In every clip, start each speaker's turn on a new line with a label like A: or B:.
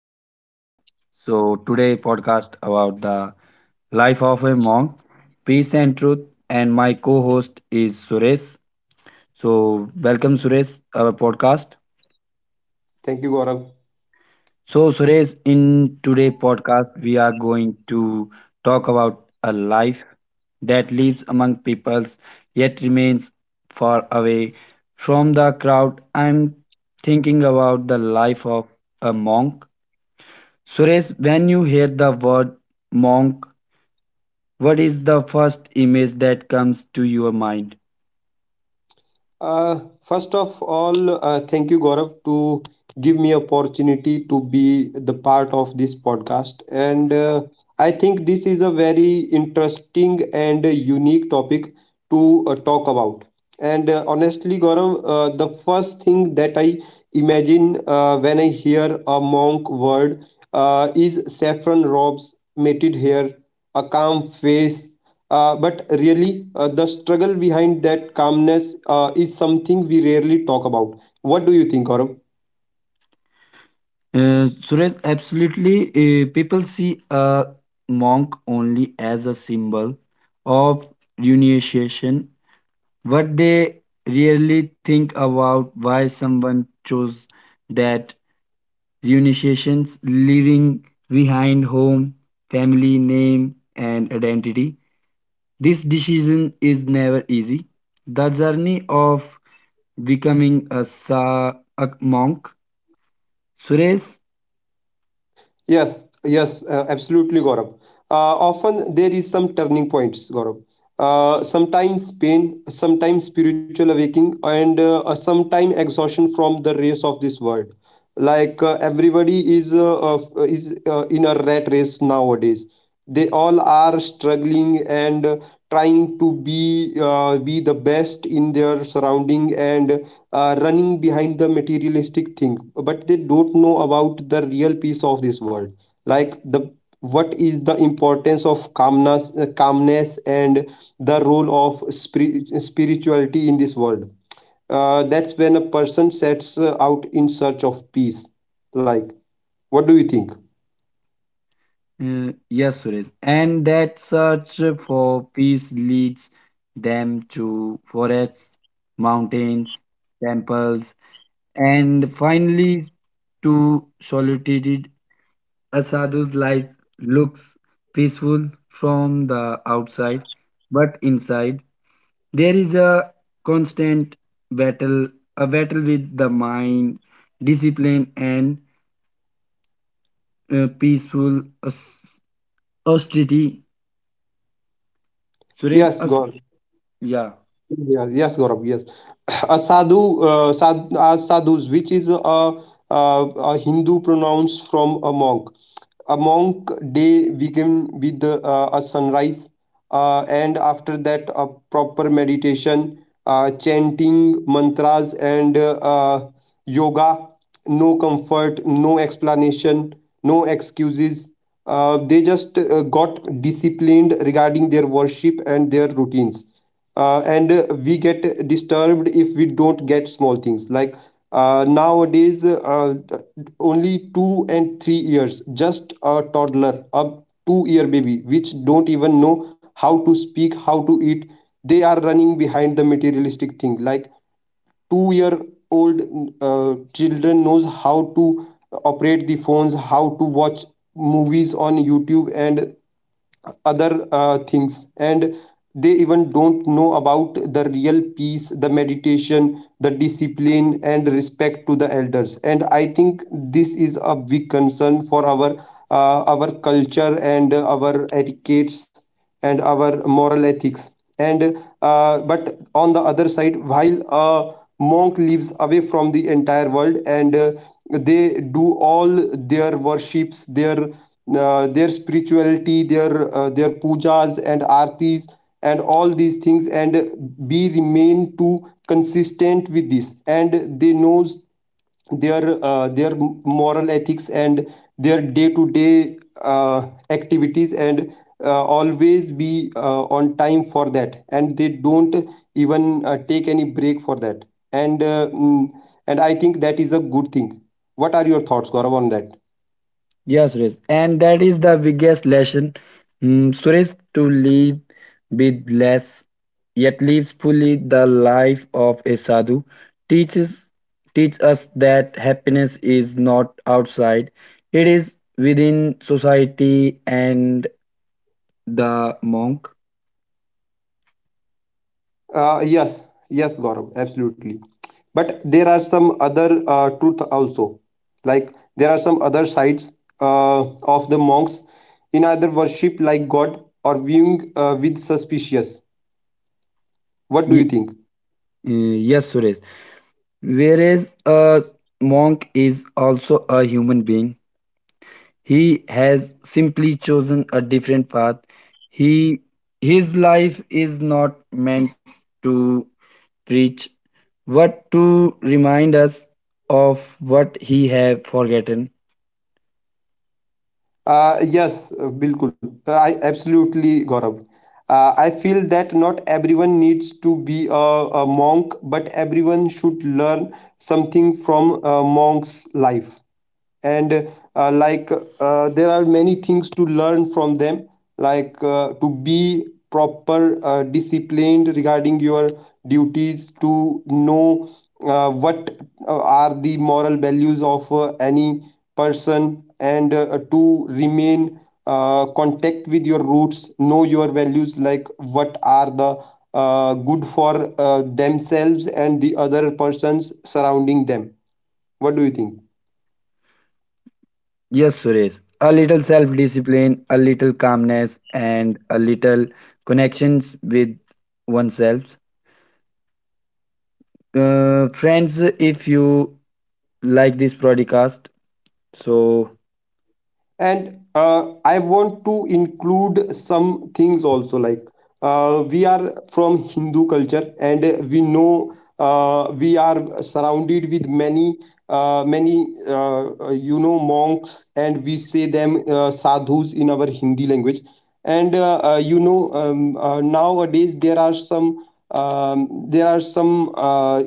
A: our podcast. So today podcast about the life of a monk, peace and truth, and my co-host is Suresh. So welcome Suresh our podcast.
B: Thank you, Gaurav.
A: So Suresh, in today podcast we are going to talk about a life that lives among peoples yet remains far away from the crowd. I'm thinking about the life of a monk Suresh, when you hear the word monk, what is the first image that comes to your mind?
B: Uh, first of all, thank you, Gaurav, to give me opportunity to be the part of this podcast. And I think this is a very interesting and a unique topic to talk about. And honestly, Gaurav, the first thing that I imagine when I hear a monk word is saffron robes, matted hair, a calm face. But really, the struggle behind that calmness is something we rarely talk about. What do you think, Gaurav?
A: Suresh, absolutely. People see a monk only as a symbol of renunciation, but they rarely think about why someone chose that renunciation, leaving behind home, family, name, and identity. This decision is never easy. The journey of becoming a monk, Suresh,
B: Yes, yes, absolutely, Gaurav. Often there is some turning points, Gaurav. Sometimes pain, sometimes spiritual awakening, and sometimes exhaustion from the race of this world. Like everybody is in a rat race nowadays. They all are struggling and trying to be the best in their surrounding and running behind the materialistic thing, but they don't know about the real peace of this world, like the what is the importance of calmness and the role of spirituality in this world. That's when a person sets out in search of peace. Like, what do you think?
A: yes, Suresh, and that search for peace leads them to forests, mountains, temples, and finally to solitude. A sadhu's life looks peaceful from the outside, but inside there is a constant battle a battle with the mind discipline and uh, peaceful aus- austerity Suresh
B: Yes,
A: as-
B: God.
A: yeah
B: Yeah. Yes, Gaurav. Yes. A sadhu, sadhus, which is a Hindu pronounce from a monk. A monk day begin with a sunrise, and after that, a proper meditation, chanting mantras, and yoga. No comfort, no explanation, no excuses. They just got disciplined regarding their worship and their routines, and we get disturbed if we don't get small things. Like, nowadays only 2 and 3 years, just a toddler, a 2 year baby, which don't even know how to speak, how to eat, they are running behind the materialistic thing. Like, 2 year old children knows how to operate the phones, how to watch movies on YouTube and other things, and they even don't know about the real peace, the meditation, the discipline, and respect to the elders. And I think this is a big concern for our culture and our etiquettes and our moral ethics. And uh, but on the other side, while a monk lives away from the entire world, and they do all their worships, their spirituality, their pujas and artis and all these things, and be remain to consistent with this, and they knows their moral ethics and their day to day activities, and always be on time for that, and they don't even take any break for that. And uh, mm, and I think that is a good thing. What are your thoughts, Gaurav, on that?
A: yeah, Suresh, and that is the biggest lesson Suresh, to live with less yet lives fully. The life of a sadhu teaches teach us that happiness is not outside, it is within society, and the monk
B: Uh, yes, yes, Gaurav, absolutely. But there are some other truth also. Like, there are some other sides of the monks, in either worship like God or viewing with suspicious. What do you
A: Ye-
B: think?
A: yes Suresh, whereas a monk is also a human being. He has simply chosen a different path. He his life is not meant to preach but to remind us of what he have forgotten.
B: Yes, Bilkul. I absolutely, Gaurav. I feel that not everyone needs to be a monk, but everyone should learn something from a monk's life. And like, there are many things to learn from them, like to be proper disciplined regarding your duties, to know what are the moral values of any person, and to remain contact with your roots, know your values, like what are the good for themselves and the other persons surrounding them. What do you think?
A: Yes Suresh, a little self discipline, a little calmness, and a little connections with oneself. Friends, if you like this broadcast, so
B: And I want to include some things also, like we are from Hindu culture, and we know we are surrounded with many many, you know, monks, and we say them sadhus in our Hindi language. And nowadays there are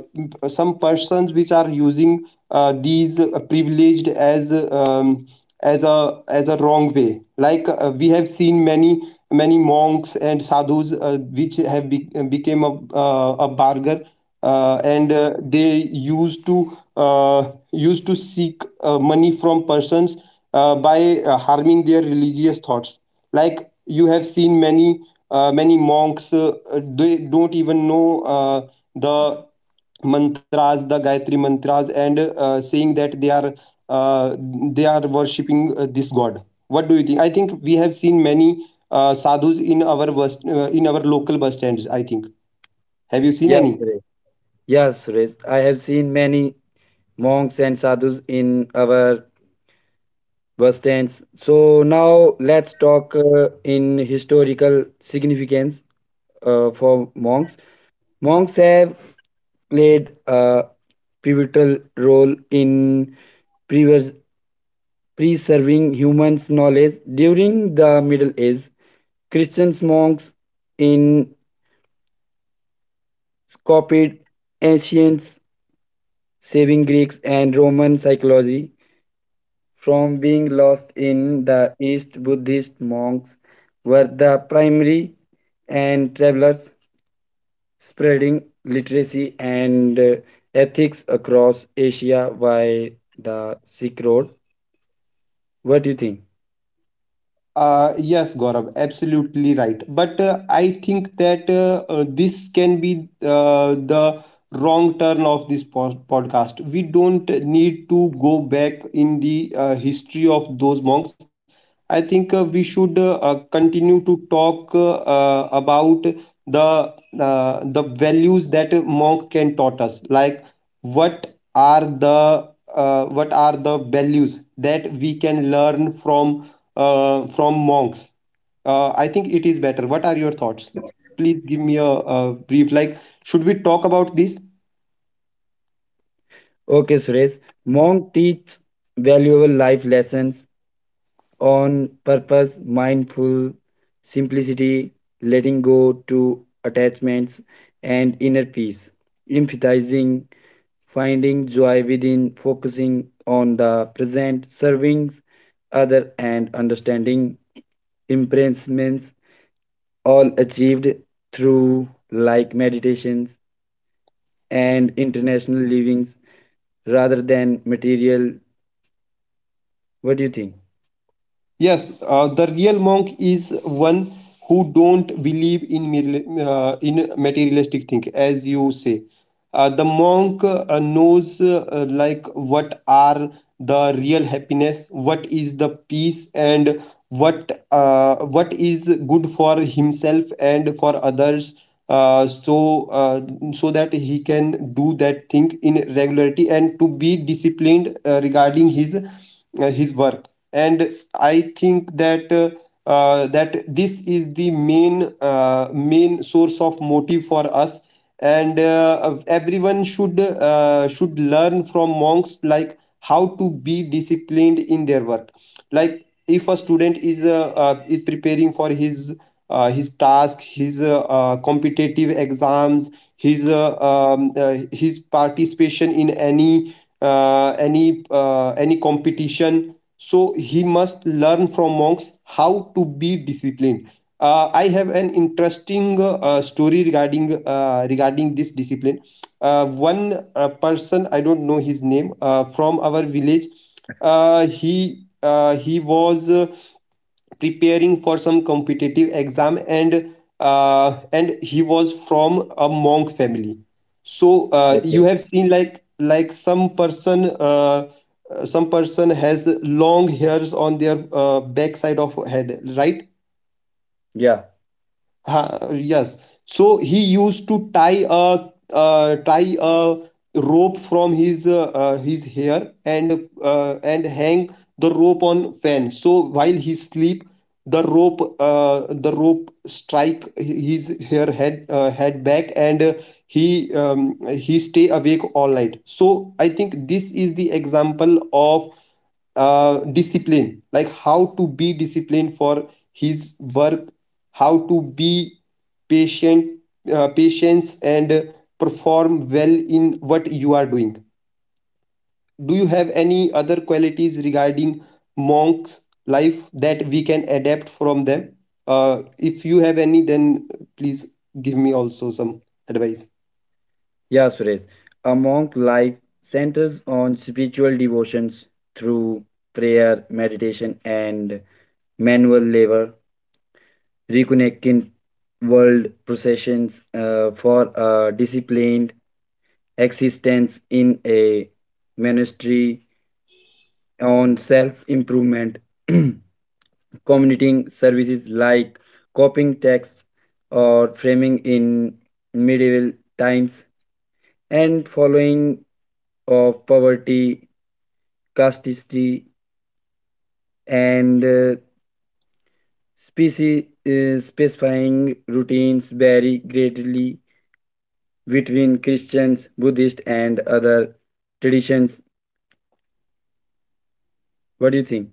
B: some persons which are using these privileged as a wrong way. Like, we have seen many many monks and sadhus which have became a barger, and they uh, used to seek money from persons by harming their religious thoughts. Like, you have seen many many monks, they don't even know the mantras, the Gayatri mantras, and saying that uh, they are worshipping this god. What do you think? I think we have seen many sadhus in our local bus stands. I think, have you seen
A: yes,
B: any?
A: Suresh. Yes, Suresh. I have seen many monks and sadhus in our bus stands. So now let's talk in historical significance for monks. Monks have played a pivotal role in previous preserving humans' knowledge. During the Middle Ages, Christian monks in copied ancient saving Greeks and Roman psychology from being lost in the East. Buddhist monks were the primary and travelers spreading literacy and ethics across Asia by the Silk Road. What do you think?
B: Yes, Gaurav, absolutely right. But I think that this can be the wrong turn of this podcast. We don't need to go back in the history of those monks. I think we should continue to talk about the the values that a monk can taught us, like what are the what are the values that we can learn from monks. I think it is better. What are your thoughts? Please give me a brief, like, should we talk about this?
A: Okay, Suresh. Monk teaches valuable life lessons on purpose, mindful simplicity, letting go to attachments, and inner peace. Emphasizing finding joy within, focusing on the present, serving other, and understanding imprisonments, all achieved through like meditations and international livings rather than material. What do you think?
B: Yes, the real monk is one who don't believe in mere in materialistic thing, as you say. The monk knows like, what are the real happiness, what is the peace, and what is good for himself and for others. Uh, so uh, so that he can do that thing in regularity and to be disciplined regarding his work. And I think that that this is the main main source of motive for us, and everyone should learn from monks, like how to be disciplined in their work. Like, if a student is preparing for his task, his competitive exams, his participation in any any competition, so he must learn from monks how to be disciplined. I have an interesting story regarding regarding this discipline. One person, I don't know his name, from our village, he was preparing for some competitive exam, and he was from a monk family. So
A: Okay.
B: you have seen, like, some person has long hairs on their backside of head, right?
A: Yeah.
B: Ha, yes. So he used to tie a rope from his hair and hang the rope on fan. So while he sleep, the rope strike his hair head head back, and he stay awake all night. So I think this is the example of discipline, like how to be disciplined for his work, how to be patient patience and perform well in what you are doing. Do you have any other qualities regarding monks life that we can adapt from them? If you have any, then please give me also some advice.
A: Yeah, Suresh. A monk life centers on spiritual devotions through prayer, meditation, and manual labor, reconnecting world processions for a disciplined existence in a monastery on self improvement, community services like copying texts or framing in medieval times, and following of poverty, casteity, and species specifying routines vary greatly between Christians, Buddhists, and other traditions. What do you think?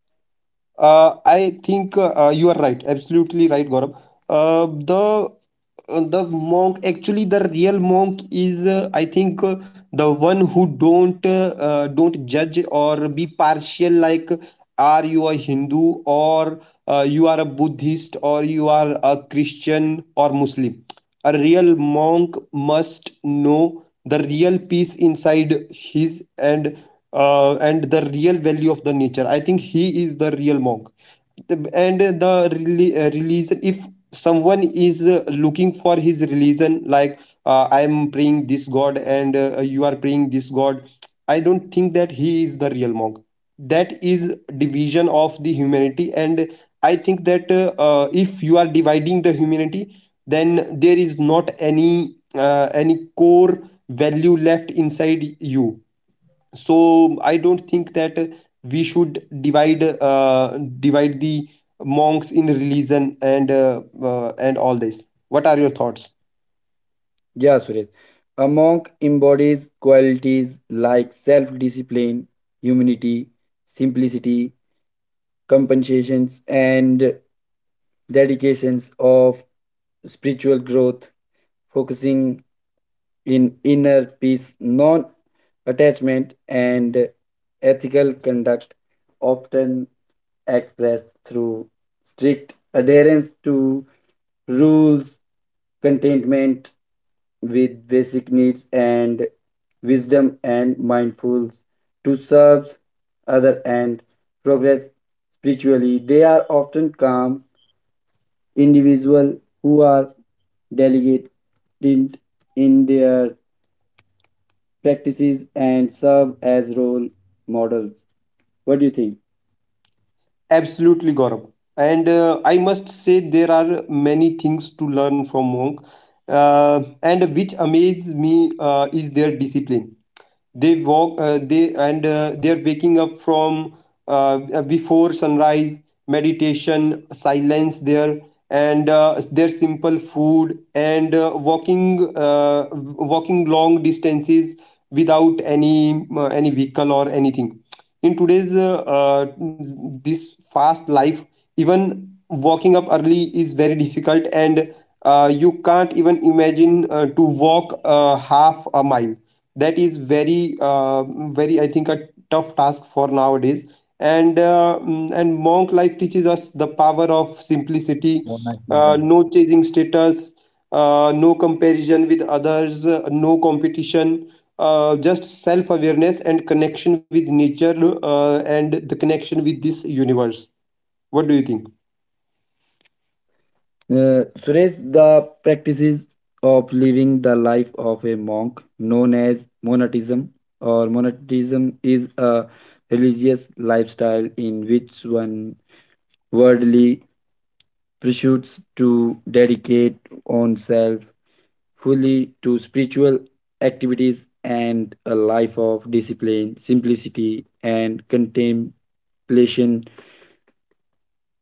B: I think you are right, absolutely right, Gaurav. Uh, the uh, the monk, actually the real monk, is I think the one who don't judge or be partial, like, are you a Hindu, or you are a Buddhist, or you are a Christian or Muslim? A real monk must know the real peace inside his, and the real value of the nature. I think he is the real monk. And the religion, if someone is looking for his religion, like, I am praying this god, and you are praying this god, I don't think that he is the real monk. That is division of the humanity. And I think that if you are dividing the humanity, then there is not any any core value left inside you. So I don't think that we should divide the monks in religion and all this. What are your thoughts?
A: Yeah, Suresh. A monk embodies qualities like self discipline, humility, simplicity, compensations, and dedications of spiritual growth, focusing in inner peace, non attachment, and ethical conduct, often expressed through strict adherence to rules, contentment with basic needs, and wisdom and mindful to serve other and progress spiritually. They are often calm individuals who are delicate in in their practices and serve as role models. What do you think?
B: Absolutely, Gaurav. And I must say there are many things to learn from monk, and which amaze me is their discipline. They walk they and They're waking up from before sunrise, meditation, silence there, and their simple food, and walking long distances without any any vehicle or anything. In today's this fast life, even walking up early is very difficult, and you can't even imagine to walk half a mile. That is very very, I think, a tough task for nowadays. And monk life teaches us the power of simplicity. uh,
A: Monachism.
B: no chasing status, no comparison with others, no competition, just self awareness and connection with nature, and the connection with this universe. What do you think?
A: Suresh, the practices of living the life of a monk, known as monatism or monatism, is a religious lifestyle in which one worldly pursuits to dedicate oneself fully to spiritual activities and a life of discipline, simplicity, and contemplation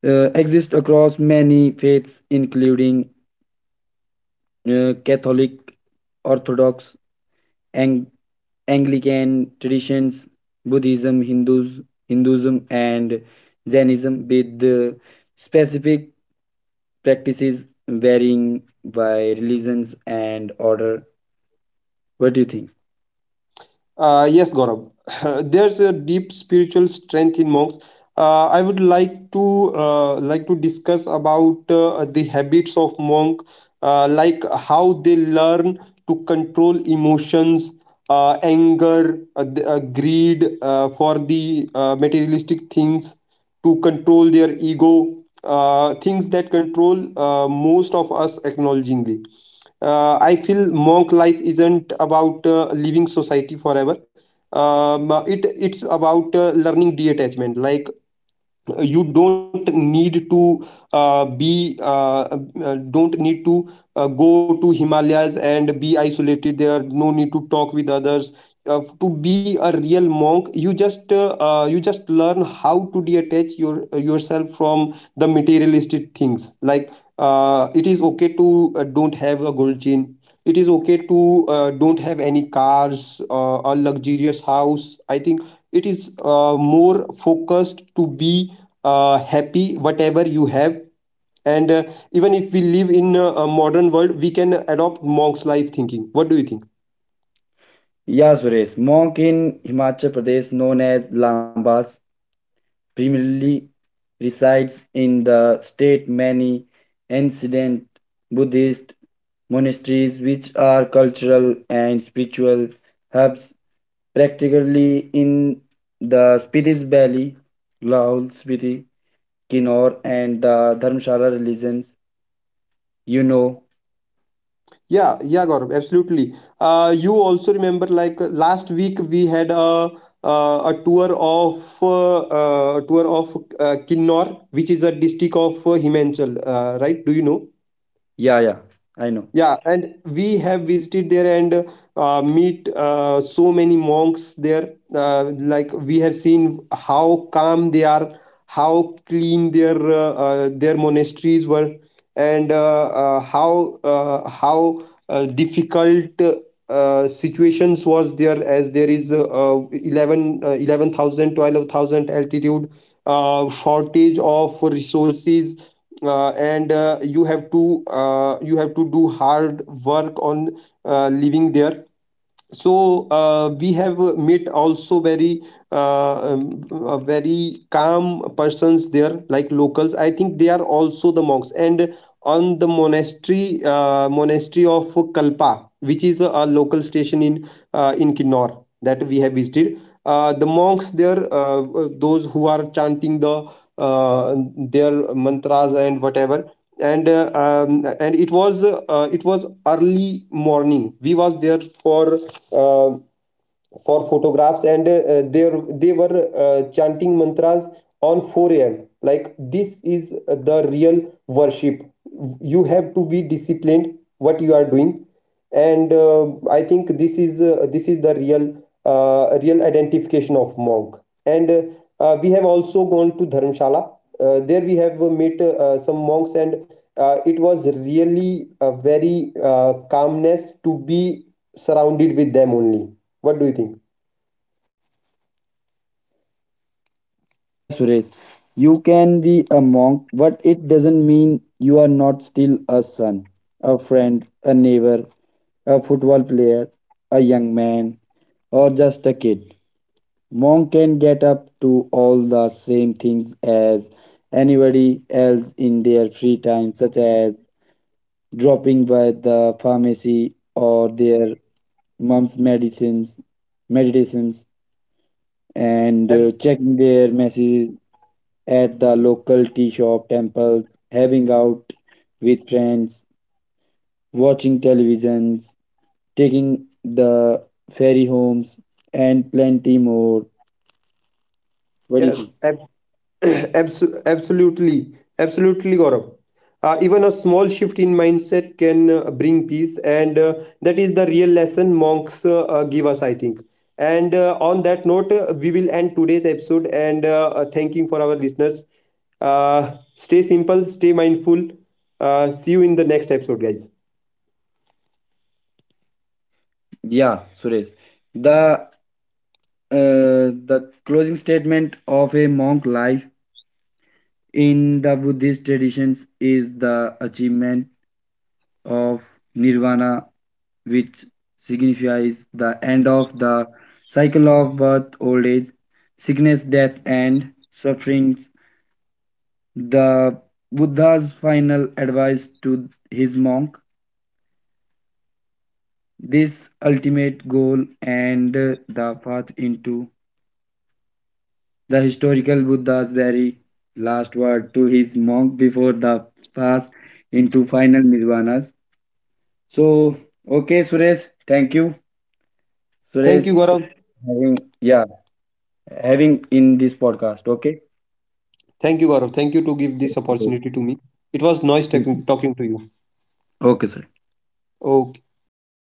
A: exist across many faiths, including Catholic, Orthodox, Ang- Anglican traditions, Buddhism, Hindus, Hinduism, and Jainism, with specific practices varying by religions and order. What do you think?
B: Yes, Gaurav. There's a deep spiritual strength in monks. I would like to discuss about the habits of monk, like how they learn to control emotions, anger, greed for the materialistic things, to control their ego, things that control most of us acknowledgingly. I feel monk life isn't about leaving society forever. It's about learning detachment. Like you don't need to be don't need to go to himalayas and be isolated there. No need to talk with others. To be a real monk, you just learn how to detach yourself from the materialistic things. Like it is okay to don't have a gold chain. It is okay to don't have any cars or luxurious house. I think it is more focused to be happy whatever you have. And even if we live in a modern world, we can adopt monk's life thinking. What do you think?
A: Yeah, Suresh. Monk in Himachal Pradesh, known as Lambas, primarily resides in the state many ancient Buddhist monasteries, which are cultural and spiritual hubs, practically in the Spitis Valley, Lahaul, Spiti, Kinnaur, and the Dharmshala religions. You know,
B: Yeah, yeah, Gaurav, absolutely. You also remember like last week we had a tour of Kinnor, which is a district of Himachal, right? Do you know?
A: yeah, yeah, I know.
B: Yeah, and we have visited there and meet so many monks there. Like we have seen how calm they are, how clean their monasteries were, and how difficult situations was there, as there is 11 11,000 altitude, shortage of resources, and you have to do hard work on living there. So we have met also very very calm persons there like locals. I think they are also the monks. And on the monastery, monastery of kalpa, which is a local station in kinnor that we have visited, the monks there, those who are chanting the uh, their mantras and whatever. And it was early morning. We was there uh, for photographs, and they were chanting mantras on 4 a.m. Like this is the real worship. You have to be disciplined what you are doing, and I think this is the real real identification of monk. And We have also gone to Dharamshala. There we have met some monks. And it was really a very calmness to be surrounded with them only. What do you think?
A: Yeah, Suresh, you can be a monk, but it doesn't mean you are not still a son, a friend, a neighbor, a football player, a young man, or just a kid. Monk can get up to all the same things as anybody else in their free time, such as dropping by the pharmacy or their mom's medicines, meditations, and
B: Ab-
A: checking their messages at the local tea shop, temples, having out with friends, watching televisions, taking the ferry homes, and plenty more. What do you
B: Yes,
A: think?
B: ab- abso- Absolutely, absolutely, Gaurav. Even a small shift in mindset can bring peace, and that is the real lesson monks give us, I think. And On that note, we will end today's episode. And Thanking for our listeners. Stay simple, stay mindful. See you in the next episode, guys.
A: Yeah, Suresh. The closing statement of a monk life in the Buddhist traditions is the achievement of nirvana, which signifies the end of the cycle of birth, old age, sickness, death, and sufferings. The Buddha's final advice to his monk this ultimate goal and the path into the historical Buddha's very last word to his monk before the pass into final nirvanas. So, okay, Suresh, thank you.
B: Thank you,
A: Suresh, for
B: Gaurav.
A: having having in this podcast. Okay.
B: Thank you, Gaurav. Thank you to give this
A: Okay,
B: opportunity to me. It was nice talking to you.
A: okay, Suresh.
B: Okay. Thank you.